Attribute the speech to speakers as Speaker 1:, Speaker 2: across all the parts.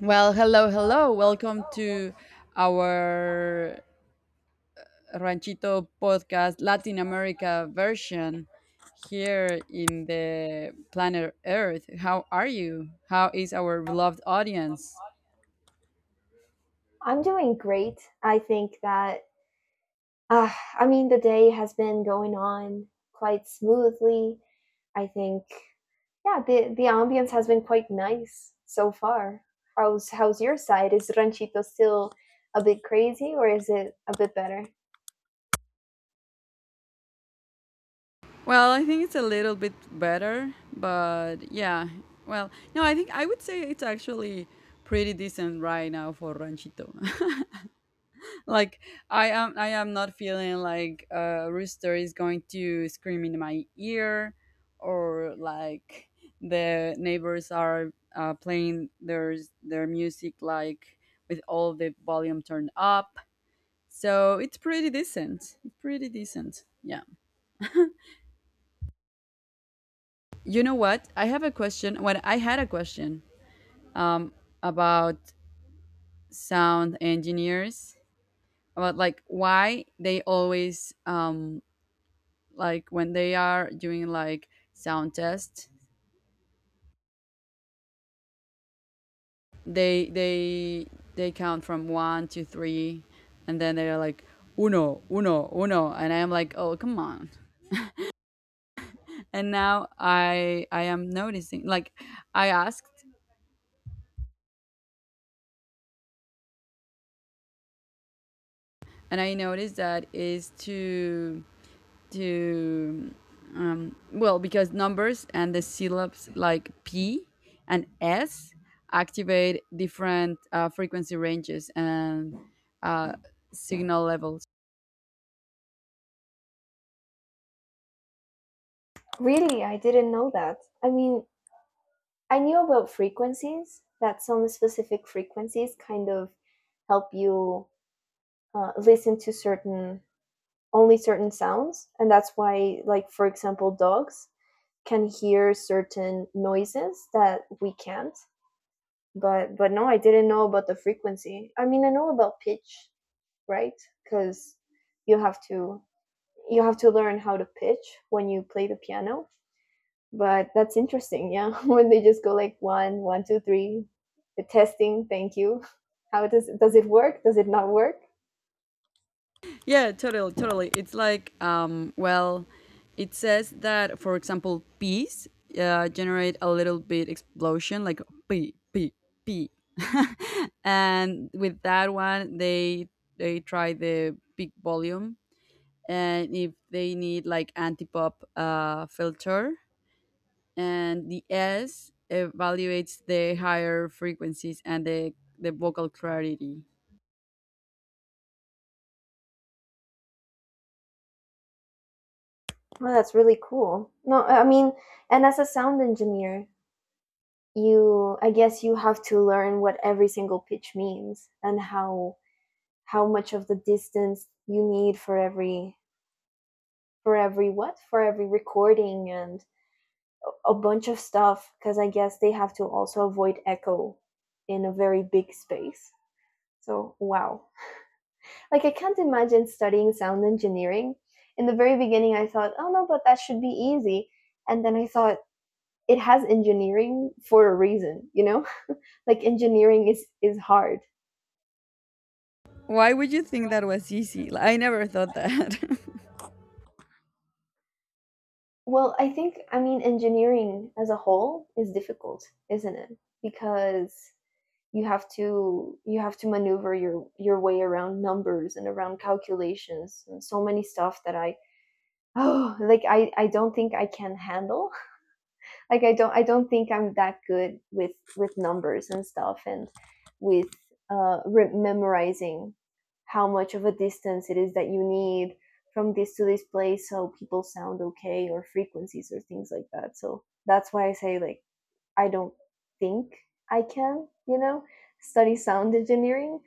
Speaker 1: Well, hello, hello. Welcome to our Ranchito podcast, Latin America version here in the planet Earth. How are you? How is our beloved audience?
Speaker 2: I'm doing great. I think that, the day has been going on quite smoothly. I think, yeah, the ambience has been quite nice so far. How's your side? Is Ranchito still a bit crazy or is it a bit better?
Speaker 1: Well, I think it's a little bit better, but yeah. Well, no, I think I would say it's actually pretty decent right now for Ranchito. Like I am not feeling like a rooster is going to scream in my ear, or like the neighbors are playing their music like with all the volume turned up. So it's pretty decent, pretty decent, yeah. You know what, I have a question, um about sound engineers, about like why they always, like when they are doing like sound tests, they they count from one to three, and then they're like uno, uno, uno, and I'm like, oh come on. And now I am noticing like, I asked, and I noticed that is to, well, because numbers and the syllabes like P and S activate different frequency ranges and uh, signal levels.
Speaker 2: Really, I didn't know that. I mean, I knew about frequencies, that some specific frequencies kind of help you listen to certain only certain sounds, and that's why, like, for example, dogs can hear certain noises that we can't. But no, I didn't know about the frequency. I mean, I know about pitch, right? Because you have to you have to learn how to pitch when you play the piano. But that's interesting, yeah. When they just go like 1 1 2 3, the testing, thank you. How does it work? Does it not work?
Speaker 1: Yeah, totally, totally. It's like, well, it says that, for example, peas generate a little bit explosion, like pee, pee, pee, and with that one, they try the big volume, and if they need like anti-pop filter, and the S evaluates the higher frequencies and the vocal clarity.
Speaker 2: Well, that's really cool. No, I mean, and as a sound engineer, you, I guess, you have to learn what every single pitch means, and how much of the distance you need for every what for every recording, and a bunch of stuff, because I guess they have to also avoid echo in a very big space. So wow, like I can't imagine studying sound engineering. In the very beginning I thought, oh no, but that should be easy. And then I thought, it has engineering for a reason, you know. Like engineering is hard.
Speaker 1: Why would you think that was easy? Like, I never thought that.
Speaker 2: Well, I think, I mean, engineering as a whole is difficult, isn't it? Because you have to maneuver your way around numbers and around calculations and so many stuff that I, oh, like I don't think I can handle, like I don't think I'm that good with numbers and stuff, and with memorizing how much of a distance it is that you need from this to this place so people sound okay, or frequencies or things like that. So that's why I say like I don't think I can, you know, study sound engineering.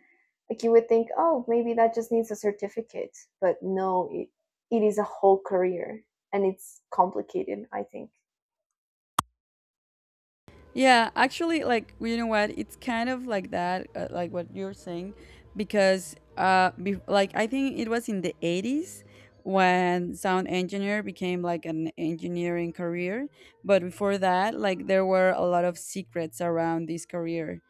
Speaker 2: Like you would think, oh, maybe that just needs a certificate, but no, it is a whole career and it's complicated, I think.
Speaker 1: Yeah, actually, like well, you know what, it's kind of like that, like what you're saying, because like I think it was in the '80s when sound engineer became like an engineering career, but before that, like there were a lot of secrets around this career.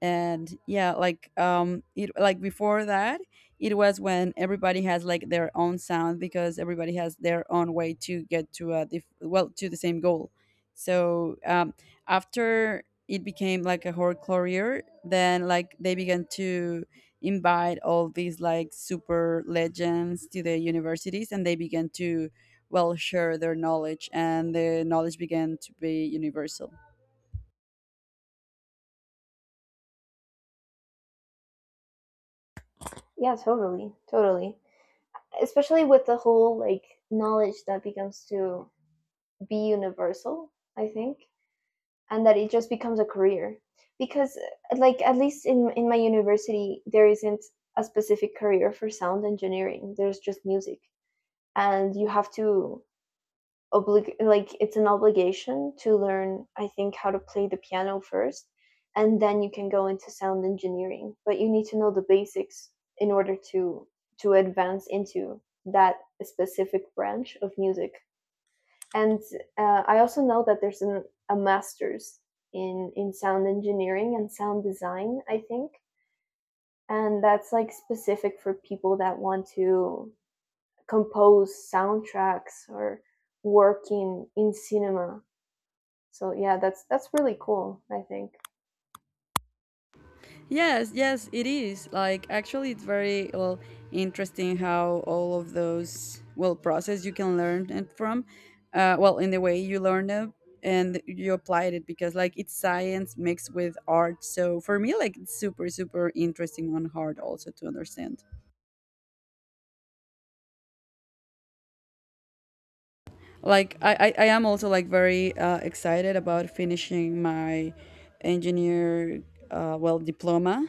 Speaker 1: And yeah, like it, like before that, it was when everybody has like their own sound, because everybody has their own way to get to a well, to the same goal. So after it became like a horror career, then like they began to invite all these like super legends to the universities, and they began to, well, share their knowledge, and the knowledge began to be universal.
Speaker 2: Yeah, totally, totally. Especially with the whole, like, knowledge that becomes to be universal, I think, and that it just becomes a career. Because like, at least in my university there isn't a specific career for sound engineering. There's just music. And you have to oblig like, it's an obligation to learn, I think, how to play the piano first, and then you can go into sound engineering, but you need to know the basics in order to advance into that specific branch of music. And I also know that there's a master's in sound engineering and sound design, I think. And that's like specific for people that want to compose soundtracks or work in cinema. So yeah, that's really cool, I think.
Speaker 1: Yes, yes, it is. Like, actually, it's very well interesting how all of those well process you can learn it from. Well, in the way you learn them and you applied it, because like it's science mixed with art. So for me, like it's super, super interesting on hard also to understand. Like I am also like very excited about finishing my engineer well diploma,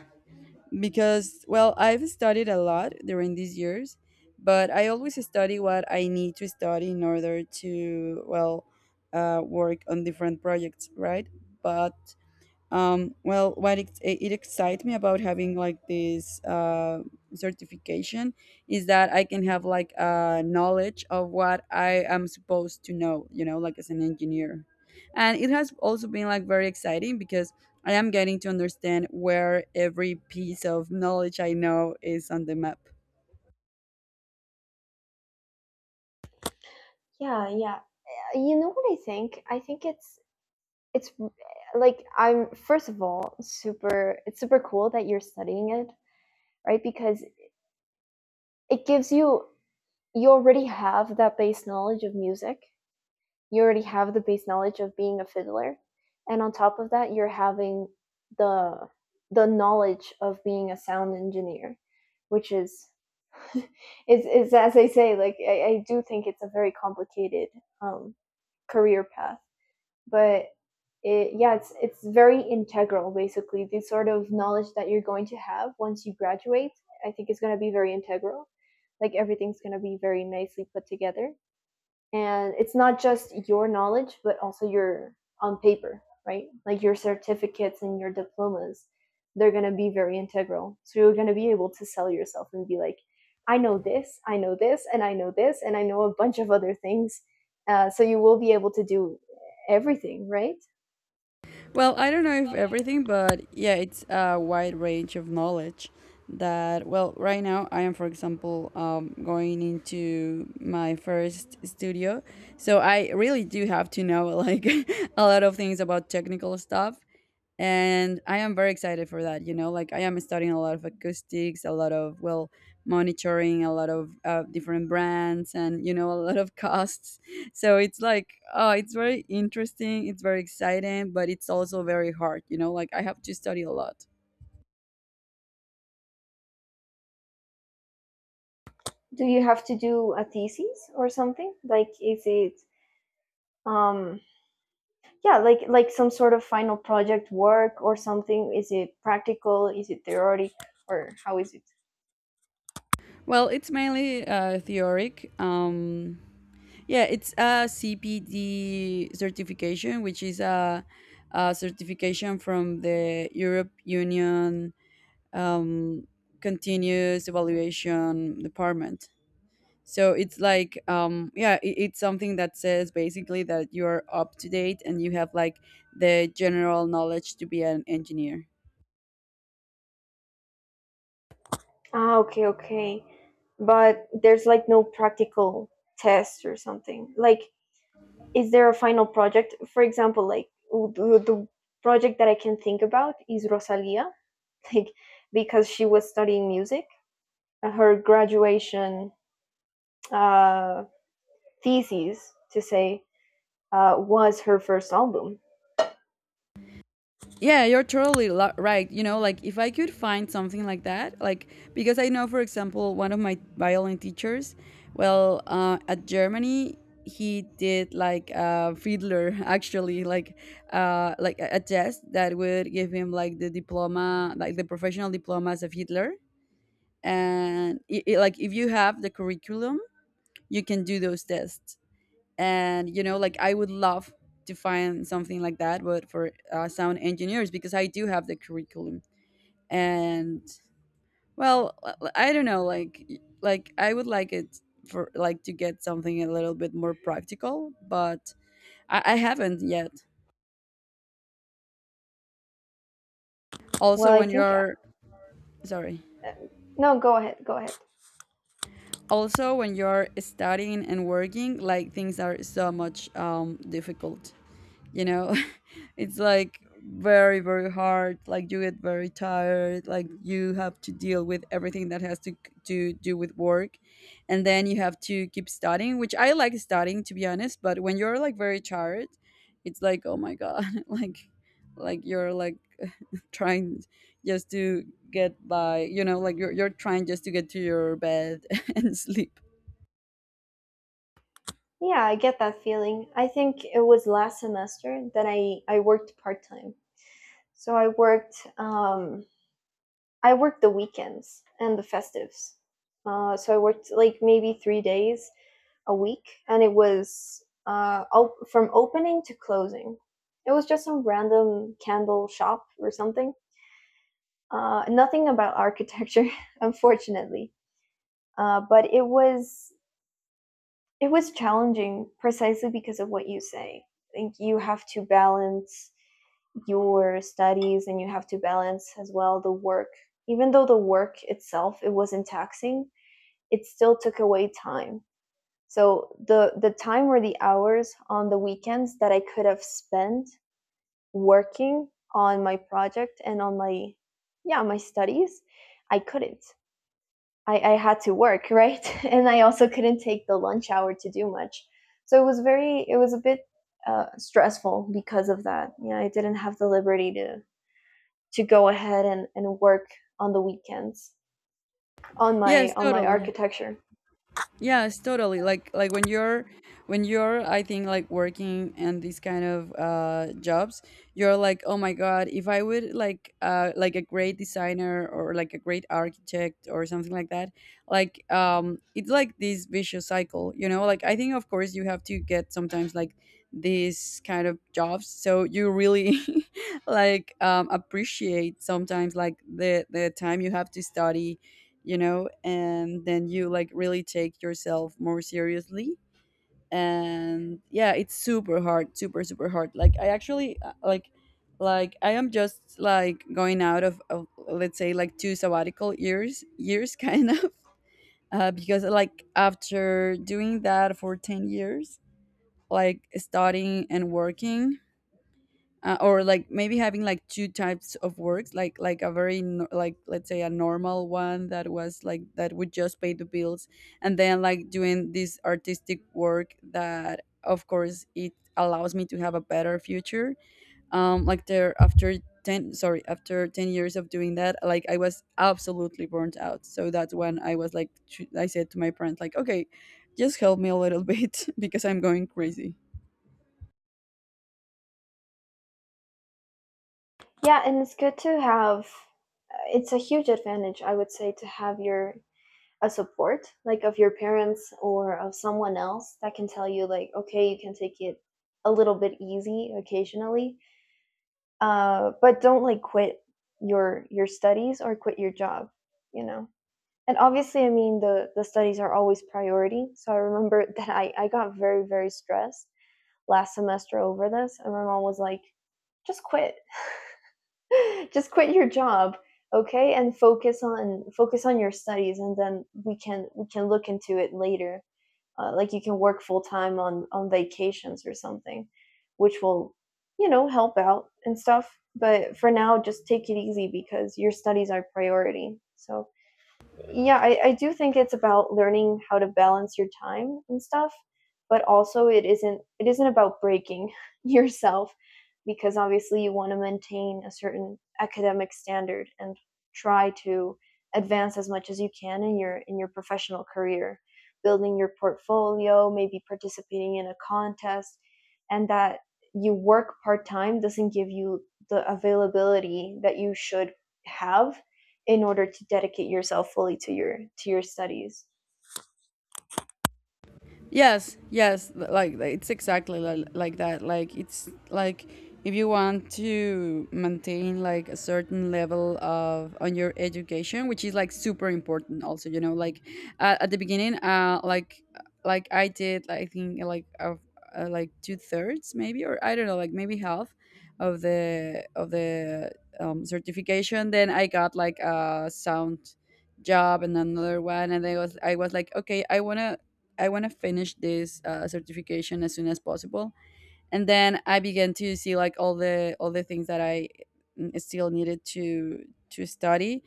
Speaker 1: because well I've studied a lot during these years, but I always study what I need to study in order to, well, work on different projects, right? But well, what it excites me about having like this certification is that I can have like a knowledge of what I am supposed to know, you know, like as an engineer. And it has also been like very exciting because I am getting to understand where every piece of knowledge I know is on the map.
Speaker 2: Yeah, yeah. You know what I think? I think it's like, I'm first of all super, it's super cool that you're studying it, right? Because it gives you, you already have that base knowledge of music, you already have the base knowledge of being a fiddler, and on top of that you're having the the knowledge of being a sound engineer, which is it's, it's, as I say, like I do think it's a very complicated um, career path. But yeah, it's very integral. Basically the sort of knowledge that you're going to have once you graduate, I think, is going to be very integral, like everything's going to be very nicely put together. And it's not just your knowledge, but also your, on paper, right, like your certificates and your diplomas, they're going to be very integral. So you're going to be able to sell yourself and be like, I know this, I know this, and I know this, and I know a bunch of other things. So you will be able to do everything, right?
Speaker 1: Well, I don't know if everything, but yeah, it's a wide range of knowledge that, well, right now I am, for example, going into my first studio. So I really do have to know like a lot of things about technical stuff, and I am very excited for that, you know, like I am studying a lot of acoustics, a lot of, well, monitoring, a lot of different brands, and you know, a lot of costs. So it's like, oh, it's very interesting, it's very exciting, but it's also very hard, you know, like I have to study a lot.
Speaker 2: Do you have to do a thesis or something? Like, is it um yeah, like some sort of final project work or something? Is it practical? Is it theoretic? Or how is it?
Speaker 1: Well, it's mainly theoric. Yeah, it's a CPD certification, which is a certification from the Europe Union, um, Continuous Evaluation Department. So it's like, yeah, it's something that says basically that you're up to date and you have like the general knowledge to be an engineer.
Speaker 2: Ah, okay, okay. But there's like no practical test or something. Like, is there a final project? For example, like the project that I can think about is Rosalia, like, because she was studying music. Her graduation uh, thesis, to say, was her first album.
Speaker 1: Yeah, you're totally right. You know, like if I could find something like that, like because I know, for example, one of my violin teachers, well, at Germany, he did like a fiddler actually, like a test that would give him like the diploma, like the professional diploma as a fiddler. And like if you have the curriculum, you can do those tests. And you know, like I would love to find something like that but for sound engineers, because I do have the curriculum. And, well, I don't know, like like I would like it for like to get something a little bit more practical, but I haven't yet.
Speaker 2: Well,
Speaker 1: Also
Speaker 2: I
Speaker 1: when
Speaker 2: think.
Speaker 1: you're sorry
Speaker 2: No, go ahead, go ahead.
Speaker 1: also when you're studying and working, like things are so much difficult, you know. It's like very, very hard. Like you get very tired, like you have to deal with everything that has to do with work, and then you have to keep studying, which I like studying to be honest, but when you're like very tired, it's like, oh my god. Like you're like trying just to get by, you know, like you're trying just to get to your bed and sleep.
Speaker 2: Yeah, I get that feeling. I think it was last semester that I worked part time. So I worked the weekends and the festives. So I worked like maybe 3 days a week, and it was from opening to closing. It was just some random candle shop or something. Nothing about architecture, unfortunately. But it was it was challenging precisely because of what you say. I think you have to balance your studies, and you have to balance as well the work. Even though the work itself, it wasn't taxing, it still took away time. So the time or the hours on the weekends that I could have spent working on my project and on my, yeah, my studies, I couldn't. I had to work, right? And I also couldn't take the lunch hour to do much. So it was very, it was a bit stressful because of that. You know, I didn't have the liberty to go ahead and work on the weekends on my
Speaker 1: Yes,
Speaker 2: on my
Speaker 1: totally.
Speaker 2: architecture.
Speaker 1: Yes, totally. Like when you're I think like working in these kind of jobs, you're like, "Oh my God, if I would like a great designer or like a great architect or something like that." Like it's like this vicious cycle, you know? Like I think of course you have to get sometimes like these kind of jobs, so you really like appreciate sometimes like the time you have to study, you know, and then you like really take yourself more seriously. And yeah, it's super hard, super super hard. Like I actually, like I am just like going out of, let's say, like two sabbatical years kind of because like after doing that for 10 years, like studying and working, or like maybe having like two types of works, like a very like, let's say, a normal one that was like that would just pay the bills, and then like doing this artistic work that of course it allows me to have a better future. Like there, after 10 sorry after 10 years of doing that, like I was absolutely burnt out. So that's when I was like, I said to my parents, like, okay, just help me a little bit, because I'm going crazy.
Speaker 2: Yeah, and it's good to have. Uh, it's a huge advantage, I would say, to have your, a support, like, of your parents or of someone else that can tell you like, okay, you can take it a little bit easy occasionally, but don't like quit your studies or quit your job, you know. And obviously, I mean, the studies are always priority. So I remember that I got very, very stressed last semester over this, and my mom was like, just quit, just quit your job, okay, and focus on focus on your studies, and then we can look into it later. Like, you can work full time on vacations or something, which will, you know, help out and stuff. But for now, just take it easy because your studies are priority. So yeah, I do think it's about learning how to balance your time and stuff. But also it isn't about breaking yourself. Because obviously you want to maintain a certain academic standard and try to advance as much as you can in your professional career, building your portfolio, maybe participating in a contest, and that you work part-time doesn't give you the availability that you should have in order to dedicate yourself fully to your studies.
Speaker 1: Yes, yes, like, it's exactly like that. Like it's like if you want to maintain like a certain level of on your education, which is like super important. Also, you know, like at the beginning, like I did, I think like of like two thirds maybe, or I don't know, like maybe half of the certification. Then I got like a sound job and another one, and I was like, okay, I want to finish this certification as soon as possible. And then I began to see like all the things that I, mm, still needed to study.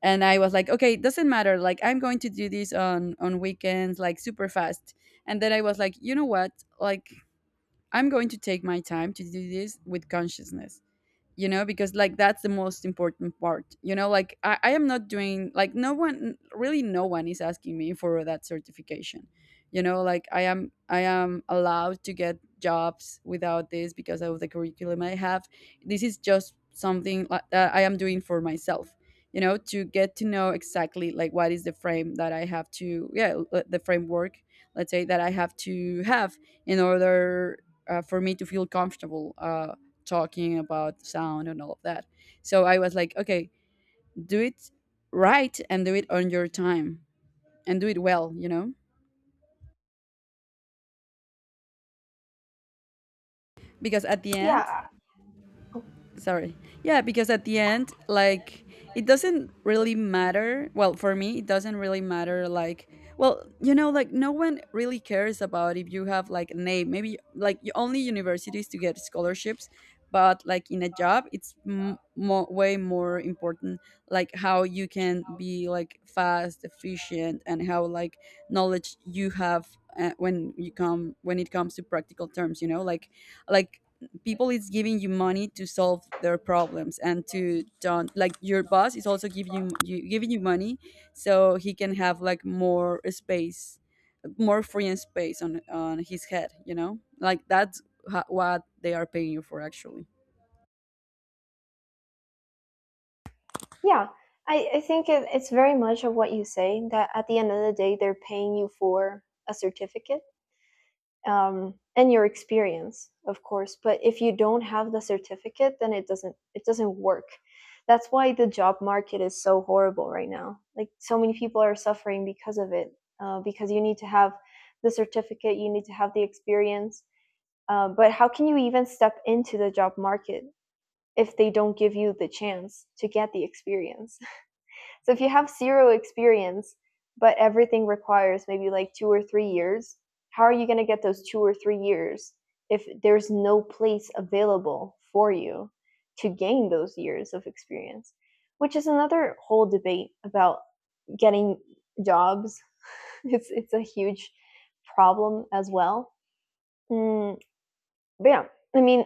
Speaker 1: And I was like, okay, it doesn't matter. Like I'm going to do this on weekends, like super fast. And then I was like, you know what? Like I'm going to take my time to do this with consciousness, you know, because like that's the most important part, you know, like I am not doing like no one really, no one is asking me for that certification. You know, like I am allowed to get jobs without this because of the curriculum I have. This is just something like that I am doing for myself, you know, to get to know exactly like what is the frame that I have to, yeah, the framework, let's say, that I have to have in order, for me to feel comfortable talking about sound and all of that. So I was like, okay, do it right, and do it on your time, and do it well, you know? Because at the
Speaker 2: Yeah,
Speaker 1: end, sorry yeah, because at the end, like, it doesn't really matter. Well, for me, it doesn't really matter. Like, well, you know, like, no one really cares about if you have like a name, maybe like only universities to get scholarships, but like in a job it's way more important, like how you can be like fast, efficient, and how like knowledge you have when you come when it comes to practical terms, you know, like people is giving you money to solve their problems and to don't like your boss is also giving you, giving you money so he can have like more space, more free and space on his head, you know, like that's what they are paying you for actually.
Speaker 2: yeah, I think it's very much of what you say, that at the end of the day they're paying you for a certificate, and your experience, of course. But if you don't have the certificate, then it doesn't work. That's why the job market is so horrible right now. Like, so many people are suffering because of it. Because you need to have the certificate, you need to have the experience. But how can you even step into the job market if they don't give you the chance to get the experience? So if you have zero experience, but everything requires maybe like 2 or 3 years, how are you going to get those 2 or 3 years if there's no place available for you to gain those years of experience? Which is another whole debate about getting jobs. It's a huge problem as well. Mm, but yeah, I mean,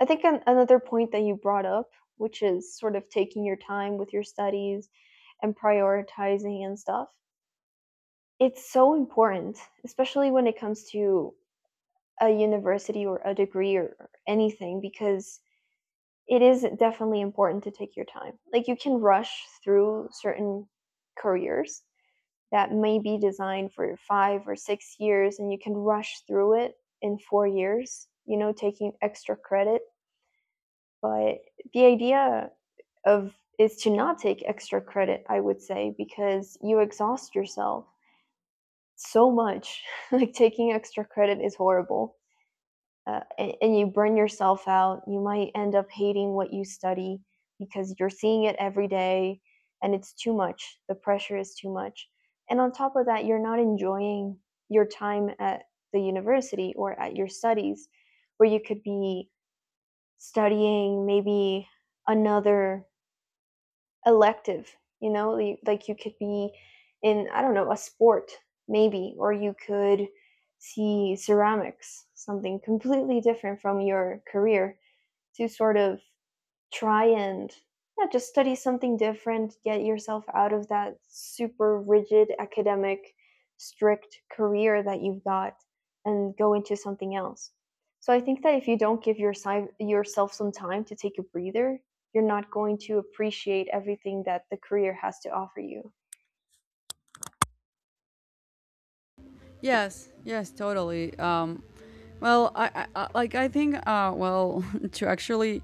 Speaker 2: I think another point that you brought up, which is sort of taking your time with your studies and prioritizing and stuff, it's so important, especially when it comes to a university or a degree or anything, because it is definitely important to take your time. Like, you can rush through certain careers that may be designed for 5 or 6 years, and you can rush through it in 4 years, you know, taking extra credit. But the idea of is to not take extra credit, I would say, because you exhaust yourself so much. Like taking extra credit is horrible. And you burn yourself out. You might end up hating what you study because you're seeing it every day, and it's too much. The pressure is too much. And on top of that, you're not enjoying your time at the university or at your studies where you could be studying maybe another elective, you know, like you could be in, I don't know, a sport maybe, or you could see ceramics, something completely different from your career, to sort of try and, yeah, just study something different, get yourself out of that super rigid academic, strict career that you've got and go into something else. So I think that if you don't give yourself some time to take a breather, you're not going to appreciate everything that the career has to offer you.
Speaker 1: Yes, yes, totally. Um, well I like I think well to actually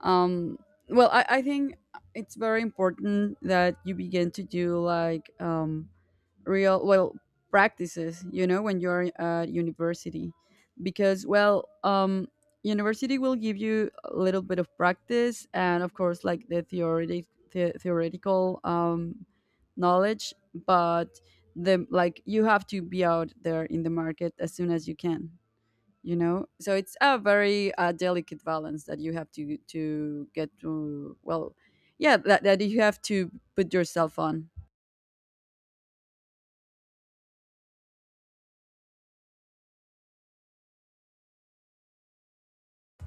Speaker 1: um, well I think it's very important that you begin to do like real well practices, you know, when you're at university, because well university will give you a little bit of practice and of course like the theoretic theoretical knowledge, but the like you have to be out there in the market as soon as you can, you know, so it's a very delicate balance that you have to get to, well, yeah, that you have to put yourself on.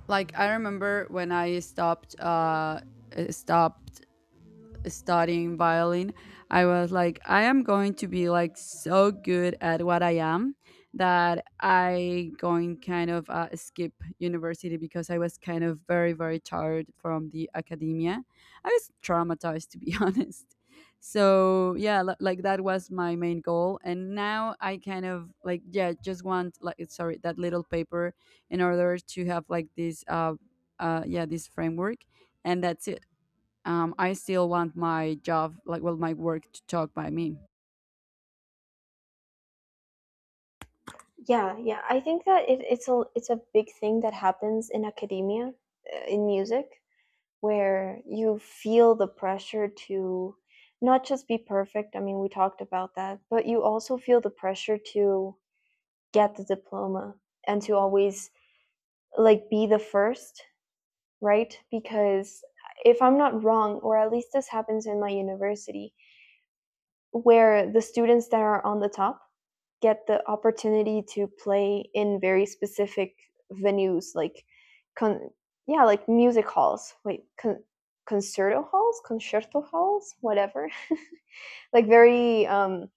Speaker 1: Like I remember when I stopped stopped studying violin, I was like, I am going to be like so good at what I am that I going kind of skip university, because I was kind of very very tired from the academia. I was traumatized to be honest. So yeah, like that was my main goal, and now I kind of like, yeah, just want, like, sorry, that little paper in order to have like this yeah this framework, and that's it. Um, I still want my job, like, well, my work to talk by me.
Speaker 2: Yeah, yeah. I think that it's a it's a big thing that happens in academia, in music, where you feel the pressure to not just be perfect. I mean, we talked about that, but you also feel the pressure to get the diploma and to always like be the first, right? Because if I'm not wrong, or at least this happens in my university, where the students that are on the top get the opportunity to play in very specific venues like con- yeah, like music halls, wait, concerto halls, concerto halls, whatever. Like very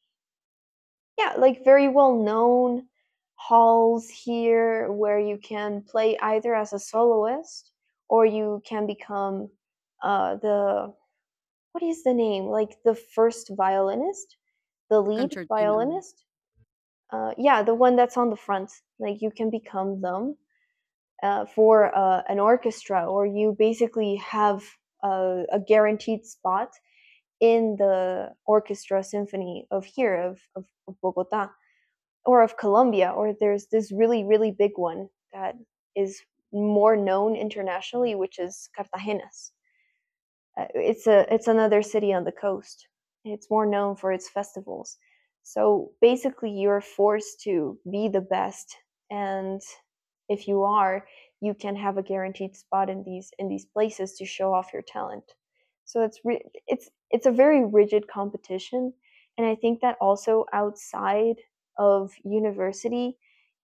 Speaker 2: yeah, like very well known halls here, where you can play either as a soloist, or you can become the, what is the name, like the first violinist, the lead
Speaker 1: Concertina.
Speaker 2: violinist, yeah, the one that's on the front. Like you can become them, for an orchestra, or you basically have a guaranteed spot in the orchestra symphony of here, of Bogota, or of Colombia. Or there's this really really big one that is more known internationally, which is Cartagena's, it's a, it's another city on the coast. It's more known for its festivals. So basically, you're forced to be the best, and if you are, you can have a guaranteed spot in these, in these places to show off your talent. So it's a very rigid competition, and I think that also outside of university,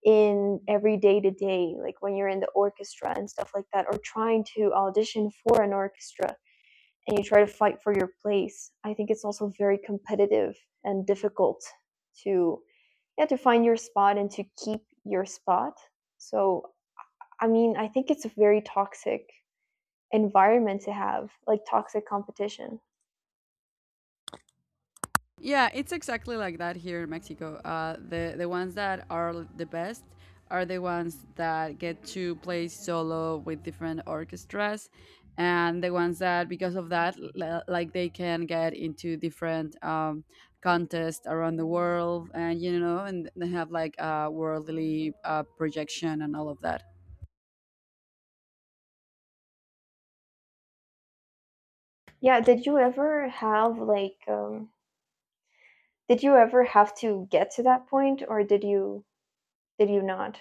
Speaker 2: in every day to day, like when you're in the orchestra and stuff like that, or trying to audition for an orchestra, and you try to fight for your place, I think it's also very competitive and difficult to, yeah, to find your spot and to keep your spot. So, I mean, I think it's a very toxic environment to have, like toxic competition.
Speaker 1: Yeah, it's exactly like that here in Mexico. The ones that are the best are the ones that get to play solo with different orchestras, and the ones that because of that, like they can get into different um contests around the world, and, you know, and they have like a worldly projection and all of that.
Speaker 2: Yeah, did you ever have like did you ever have to get to that point, or did you, did you not?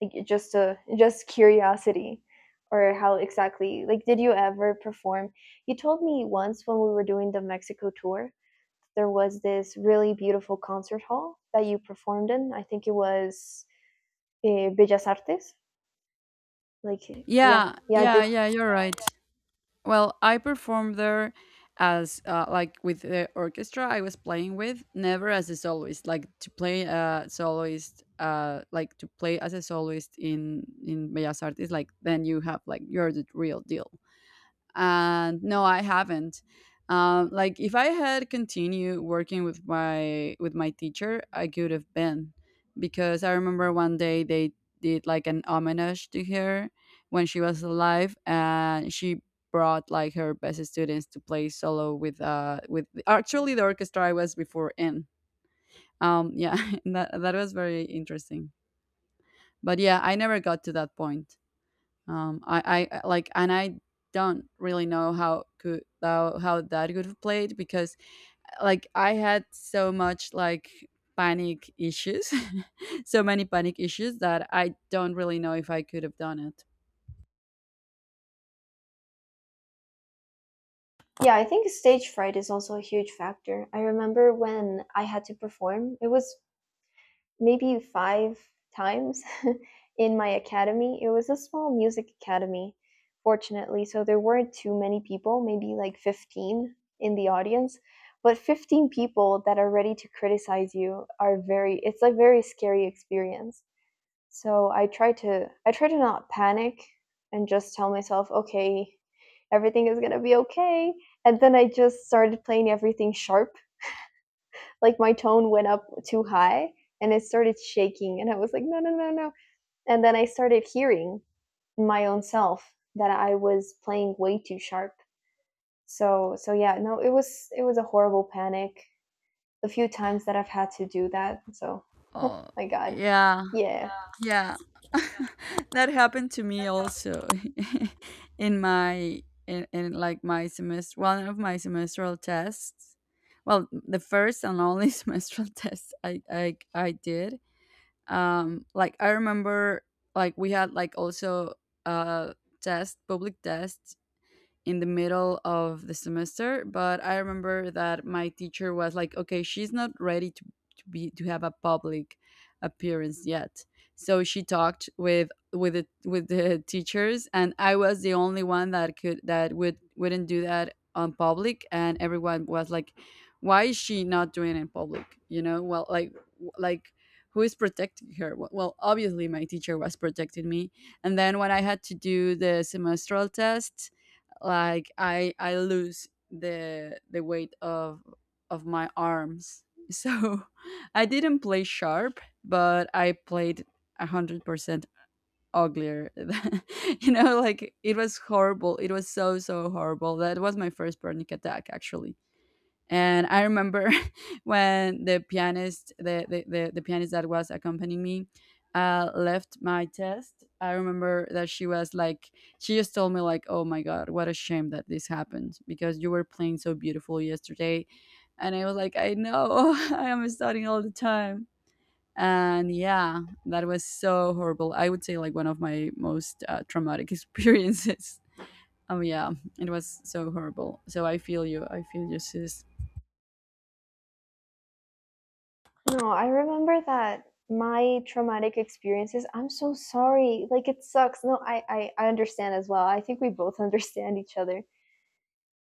Speaker 2: Like just a, just curiosity, or how exactly, like did you ever perform? You told me once when we were doing the Mexico tour there was this really beautiful concert hall that you performed in. I think it was, Bellas Artes, like, yeah,
Speaker 1: Yeah,
Speaker 2: yeah,
Speaker 1: yeah,
Speaker 2: did.
Speaker 1: yeah. You're right. Well, I performed there as like with the orchestra I was playing with, never as a soloist. Like to play a soloist, like to play as a soloist in Bellas Artes, like then you have like you're the real deal. And no, I haven't. Um, like if I had continued working with my teacher, I could have been, because I remember one day they did like an homage to her when she was alive, and she brought like her best students to play solo with actually the orchestra I was before in. Um, yeah, that was very interesting. But yeah, I never got to that point. Um, I like, and I don't really know how could how that could have played, because like I had so much like panic issues, so many panic issues that I don't really know if I could have done it.
Speaker 2: Yeah, I think stage fright is also a huge factor. I remember when I had to perform it was maybe five times. In my academy. It was a small music academy, fortunately, so there weren't too many people, maybe like 15 in the audience. But 15 people that are ready to criticize you are very, it's a very scary experience. So I try to not panic and just tell myself, okay, everything is going to be okay. And then I just started playing everything sharp, like my tone went up too high and it started shaking, and I was like, no, no, no, no. And then I started hearing my own self that I was playing way too sharp. So yeah, no, it was a horrible panic the few times that I've had to do that. So oh
Speaker 1: Oh,
Speaker 2: my god.
Speaker 1: yeah,
Speaker 2: Yeah,
Speaker 1: yeah. That happened to me also in my in like my semester, one of my semestral tests. Well, the first and only semestral test I did. Um, like I remember like we had like also uh test, public tests in the middle of the semester, but I remember that my teacher was like, okay, she's not ready to be to have a public appearance yet. So she talked with the with the teachers, and I was the only one that could that would wouldn't do that on public, and everyone was like, why is she not doing it in public, you know, well, like who is protecting her. Well, well, obviously my teacher was protecting me, and then when I had to do the semestral test, like I lose the weight of my arms, so I didn't play sharp, but I played 100% uglier, you know, like it was horrible, it was so so horrible. That was my first panic attack actually. And I remember when the pianist, the pianist that was accompanying me, left my test. I remember that she was like, she just told me like, "Oh my god, what a shame that this happened, because you were playing so beautiful yesterday." And I was like, "I know, I am studying all the time." And yeah, that was so horrible. I would say like one of my most traumatic experiences. Yeah, it was so horrible. So I feel you. I feel you, sis.
Speaker 2: no, I remember that my traumatic experiences, I'm so sorry, like it sucks. No, I understand as well. I think we both understand each other.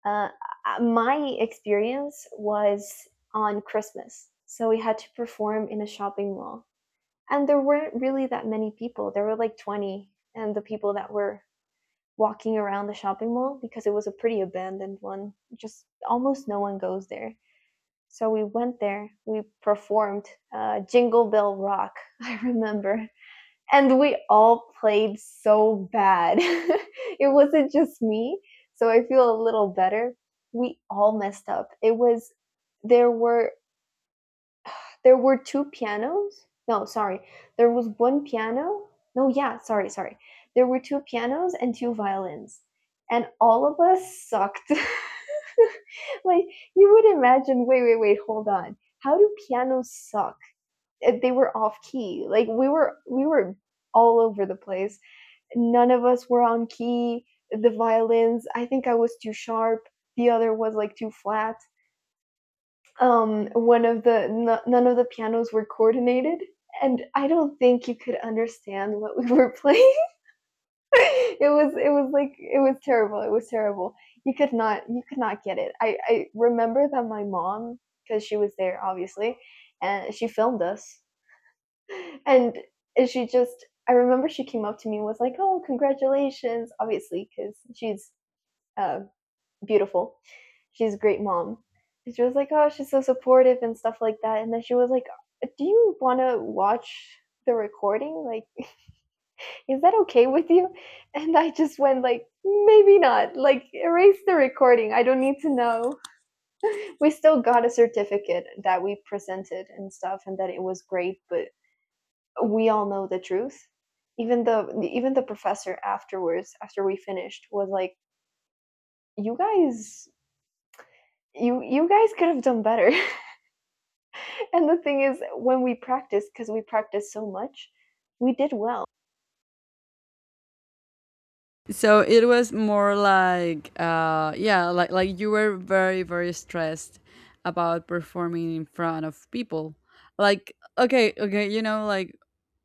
Speaker 2: Uh, my experience was on Christmas. So we had to perform in a shopping mall. And there weren't really that many people. There were like 20, and the people that were walking around the shopping mall, because it was a pretty abandoned one. Just almost no one goes there. So we went there, we performed, Jingle Bell Rock, I remember, and we all played so bad. It wasn't just me, so I feel a little better. We all messed up. It was, there were, there were two pianos. No, sorry. There was one piano. No, yeah, sorry, sorry. There were two pianos and two violins. And all of us sucked. Like you would imagine, wait, wait, wait, hold on. How do pianos suck? They were off key. Like we were all over the place. None of us were on key. The violins, I think I was too sharp. The other was like too flat. One of the none of the pianos were coordinated, and I don't think you could understand what we were playing. It was like it was terrible. It was terrible. You could not get it. I remember that my mom, because she was there obviously, and she filmed us, and she just, I remember she came up to me and was like, "Oh, congratulations!" Obviously, because she's, uh, beautiful. She's a great mom. And she was like, oh, she's so supportive and stuff like that. And then she was like, do you want to watch the recording? Like, is that okay with you? And I just went like, maybe not. Like, erase the recording. I don't need to know. We still got a certificate that we presented and stuff, and that it was great. But we all know the truth. Even the professor afterwards, after we finished, was like, you guys, you guys could have done better. And the thing is, when we practiced, because we practiced so much, we did well.
Speaker 1: So it was more like, yeah, like you were very very stressed about performing in front of people. Like, okay, okay, you know,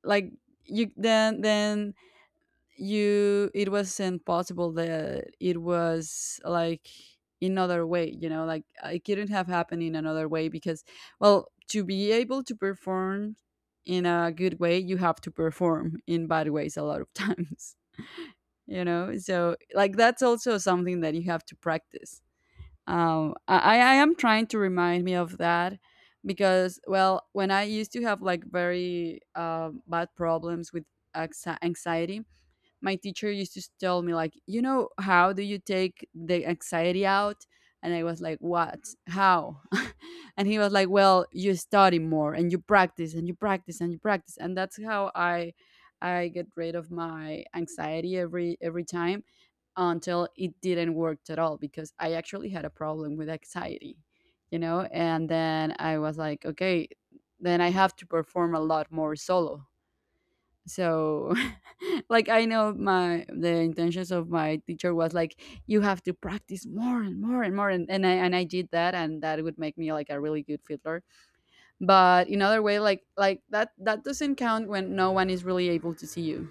Speaker 1: like you then you it wasn't possible that it was like another way. You know, like it couldn't have happened in another way, because, well, to be able to perform in a good way, you have to perform in bad ways a lot of times, you know, so like that's also something that you have to practice. Um, I am trying to remind me of that, because well when I used to have like very bad problems with anxiety, my teacher used to tell me like, you know how do you take the anxiety out? And I was like, what? How? And he was like, well, you study more and you practice and you practice and you practice, and that's how I get rid of my anxiety every time. Until it didn't work at all, because I actually had a problem with anxiety, you know? And then I was like, okay, then I have to perform a lot more solo. So like I know my the intentions of my teacher was like you have to practice more and more and more, and I did that, and that would make me like a really good fiddler. But in other way like that that doesn't count when no one is really able to see you.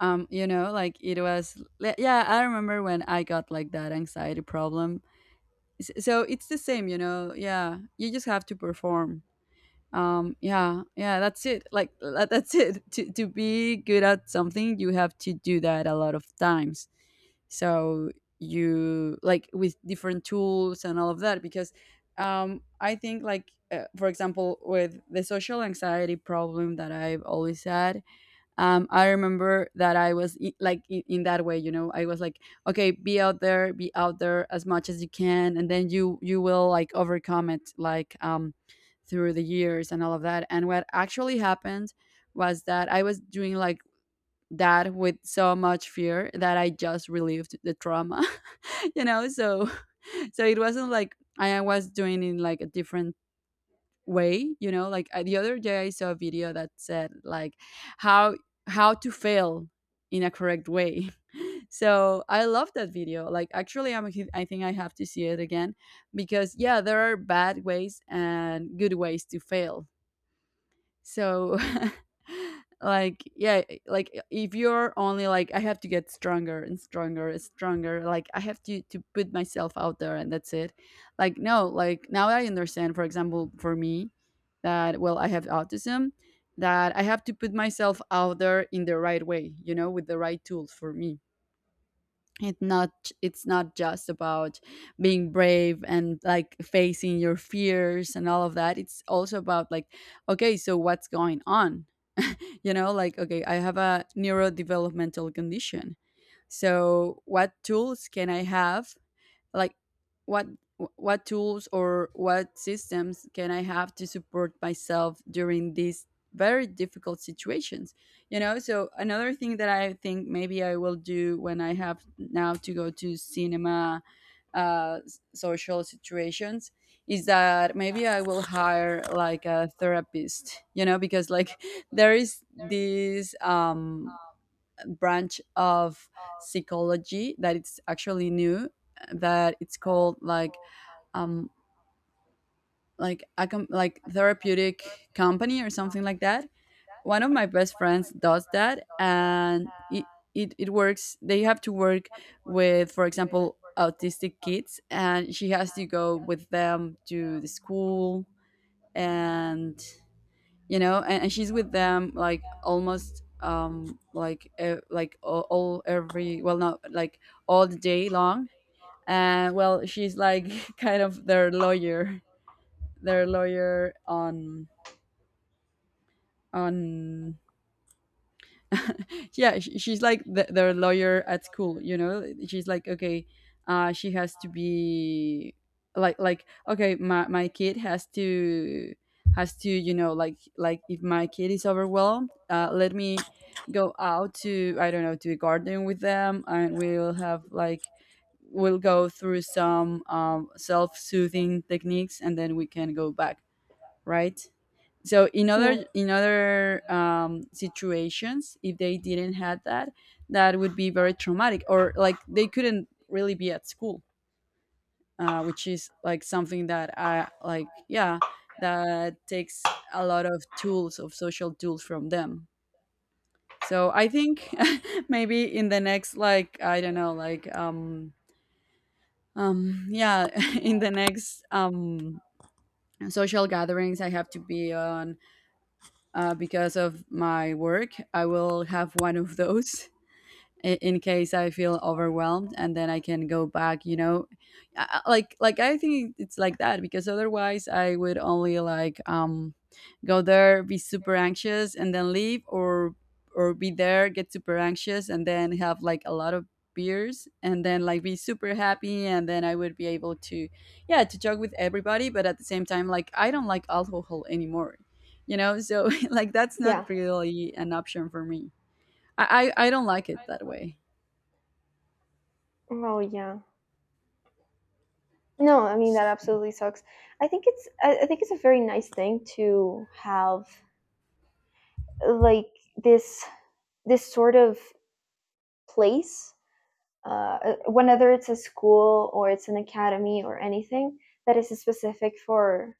Speaker 1: Um, you know, like it was yeah I remember when I got like that anxiety problem. So it's the same, you know, yeah, you just have to perform. Um, yeah, yeah, that's it. Like that's it, to be good at something, you have to do that a lot of times. So you like with different tools and all of that, because I think like for example with the social anxiety problem that I've always had. Um, I remember that I was like in that way, you know, I was like, okay, be out there as much as you can, and then you will like overcome it, like um through the years and all of that. And what actually happened was that I was doing like that with so much fear that I just relieved the trauma, you know. So so it wasn't like I was doing in like a different way, you know, like the other day I saw a video that said like, how how to fail in a correct way. So I love that video. Like actually I'm I think I have to see it again, because yeah there are bad ways and good ways to fail. So like yeah like if you're only like I have to get stronger and stronger and stronger, like I have to put myself out there and that's it. Like no, like now I understand, for example for me, that well I have autism, that I have to put myself out there in the right way, you know, with the right tools for me. It's not it's not just about being brave and like facing your fears and all of that. It's also about like, okay, so what's going on? You know, like, okay, I have a neurodevelopmental condition, so what tools can I have, like what what tools or what systems can I have to support myself during these very difficult situations, you know. So another thing that I think maybe I will do when I have now to go to cinema, social situations, is that maybe I will hire like a therapist, you know, because like there is this branch of psychology that it's actually new, that it's called um like a like therapeutic company or something like that. One of my best friends does that, and it works. They have to work with, for example, autistic kids, and she has to go with them to the school and you know, and she's with them like almost like all every, well, not like all the day long. And well she's like kind of their lawyer, their lawyer on on yeah sh she's like their lawyer at school, you know. She's like, okay, she has to be like okay, my kid has to you know, like if my kid is overwhelmed, let me go out to, I don't know, to a garden with them, and we'll have like we'll go through some self-soothing techniques, and then we can go back, right. So in
Speaker 2: Mm,
Speaker 1: other um situations, if they didn't have that, that would be very traumatic, or like they couldn't really be at school, which is like something that I like, yeah, that takes a lot of tools, of social tools from them. So I think maybe in the next, like I don't know, like yeah in the next social gatherings I have to be on, because of my work, I will have one of those, in case I feel overwhelmed, and then I can go back. You know, like I think it's like that because otherwise I would only like go there, be super anxious, and then leave, or be there, get super anxious, and then have like a lot of beers, and then like be super happy, and then I would be able to, yeah, to talk with everybody. But at the same time, like I don't like alcohol anymore, you know. So like that's not
Speaker 2: yeah.
Speaker 1: really an option for me. I don't like it that way.
Speaker 2: Oh, yeah. No, I mean that absolutely sucks. I think it's, I think it's a very nice thing to have, like this this sort of place, whether it's a school or it's an academy or anything that is specific for,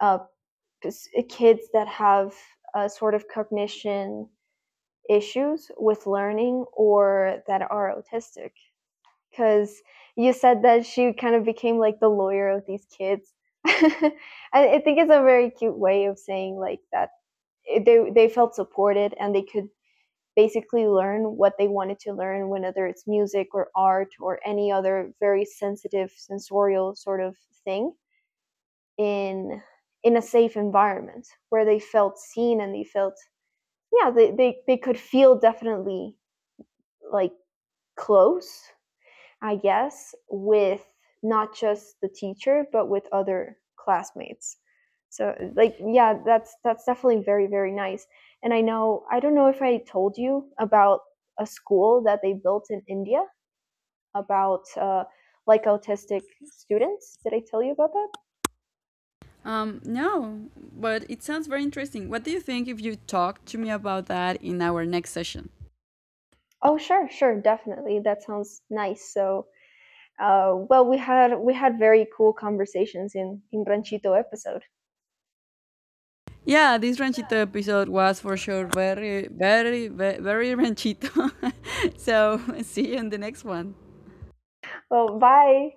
Speaker 2: uh, kids that have, sort of cognition issues with learning or that are autistic. Because you said that she kind of became like the lawyer of these kids. I, I think it's a very cute way of saying like that they felt supported and they could basically learn what they wanted to learn, whether it's music or art or any other very sensitive sensorial sort of thing in in a safe environment where they felt seen and they felt, yeah, they could feel definitely like close, I guess, with not just the teacher, but with other classmates. So like yeah, that's definitely very very nice. And I know, I don't know if I told you about a school that they built in India about, like autistic students. Did I tell you about that?
Speaker 1: No, but it sounds very interesting. What do you think if you talk to me about that in our next session?
Speaker 2: Oh sure, sure, definitely. That sounds nice. So, well, we had very cool conversations in Branchito episode.
Speaker 1: Yeah, this ranchito episode was for sure very, very, very, very ranchito. So, see you in the next one.
Speaker 2: Well, bye.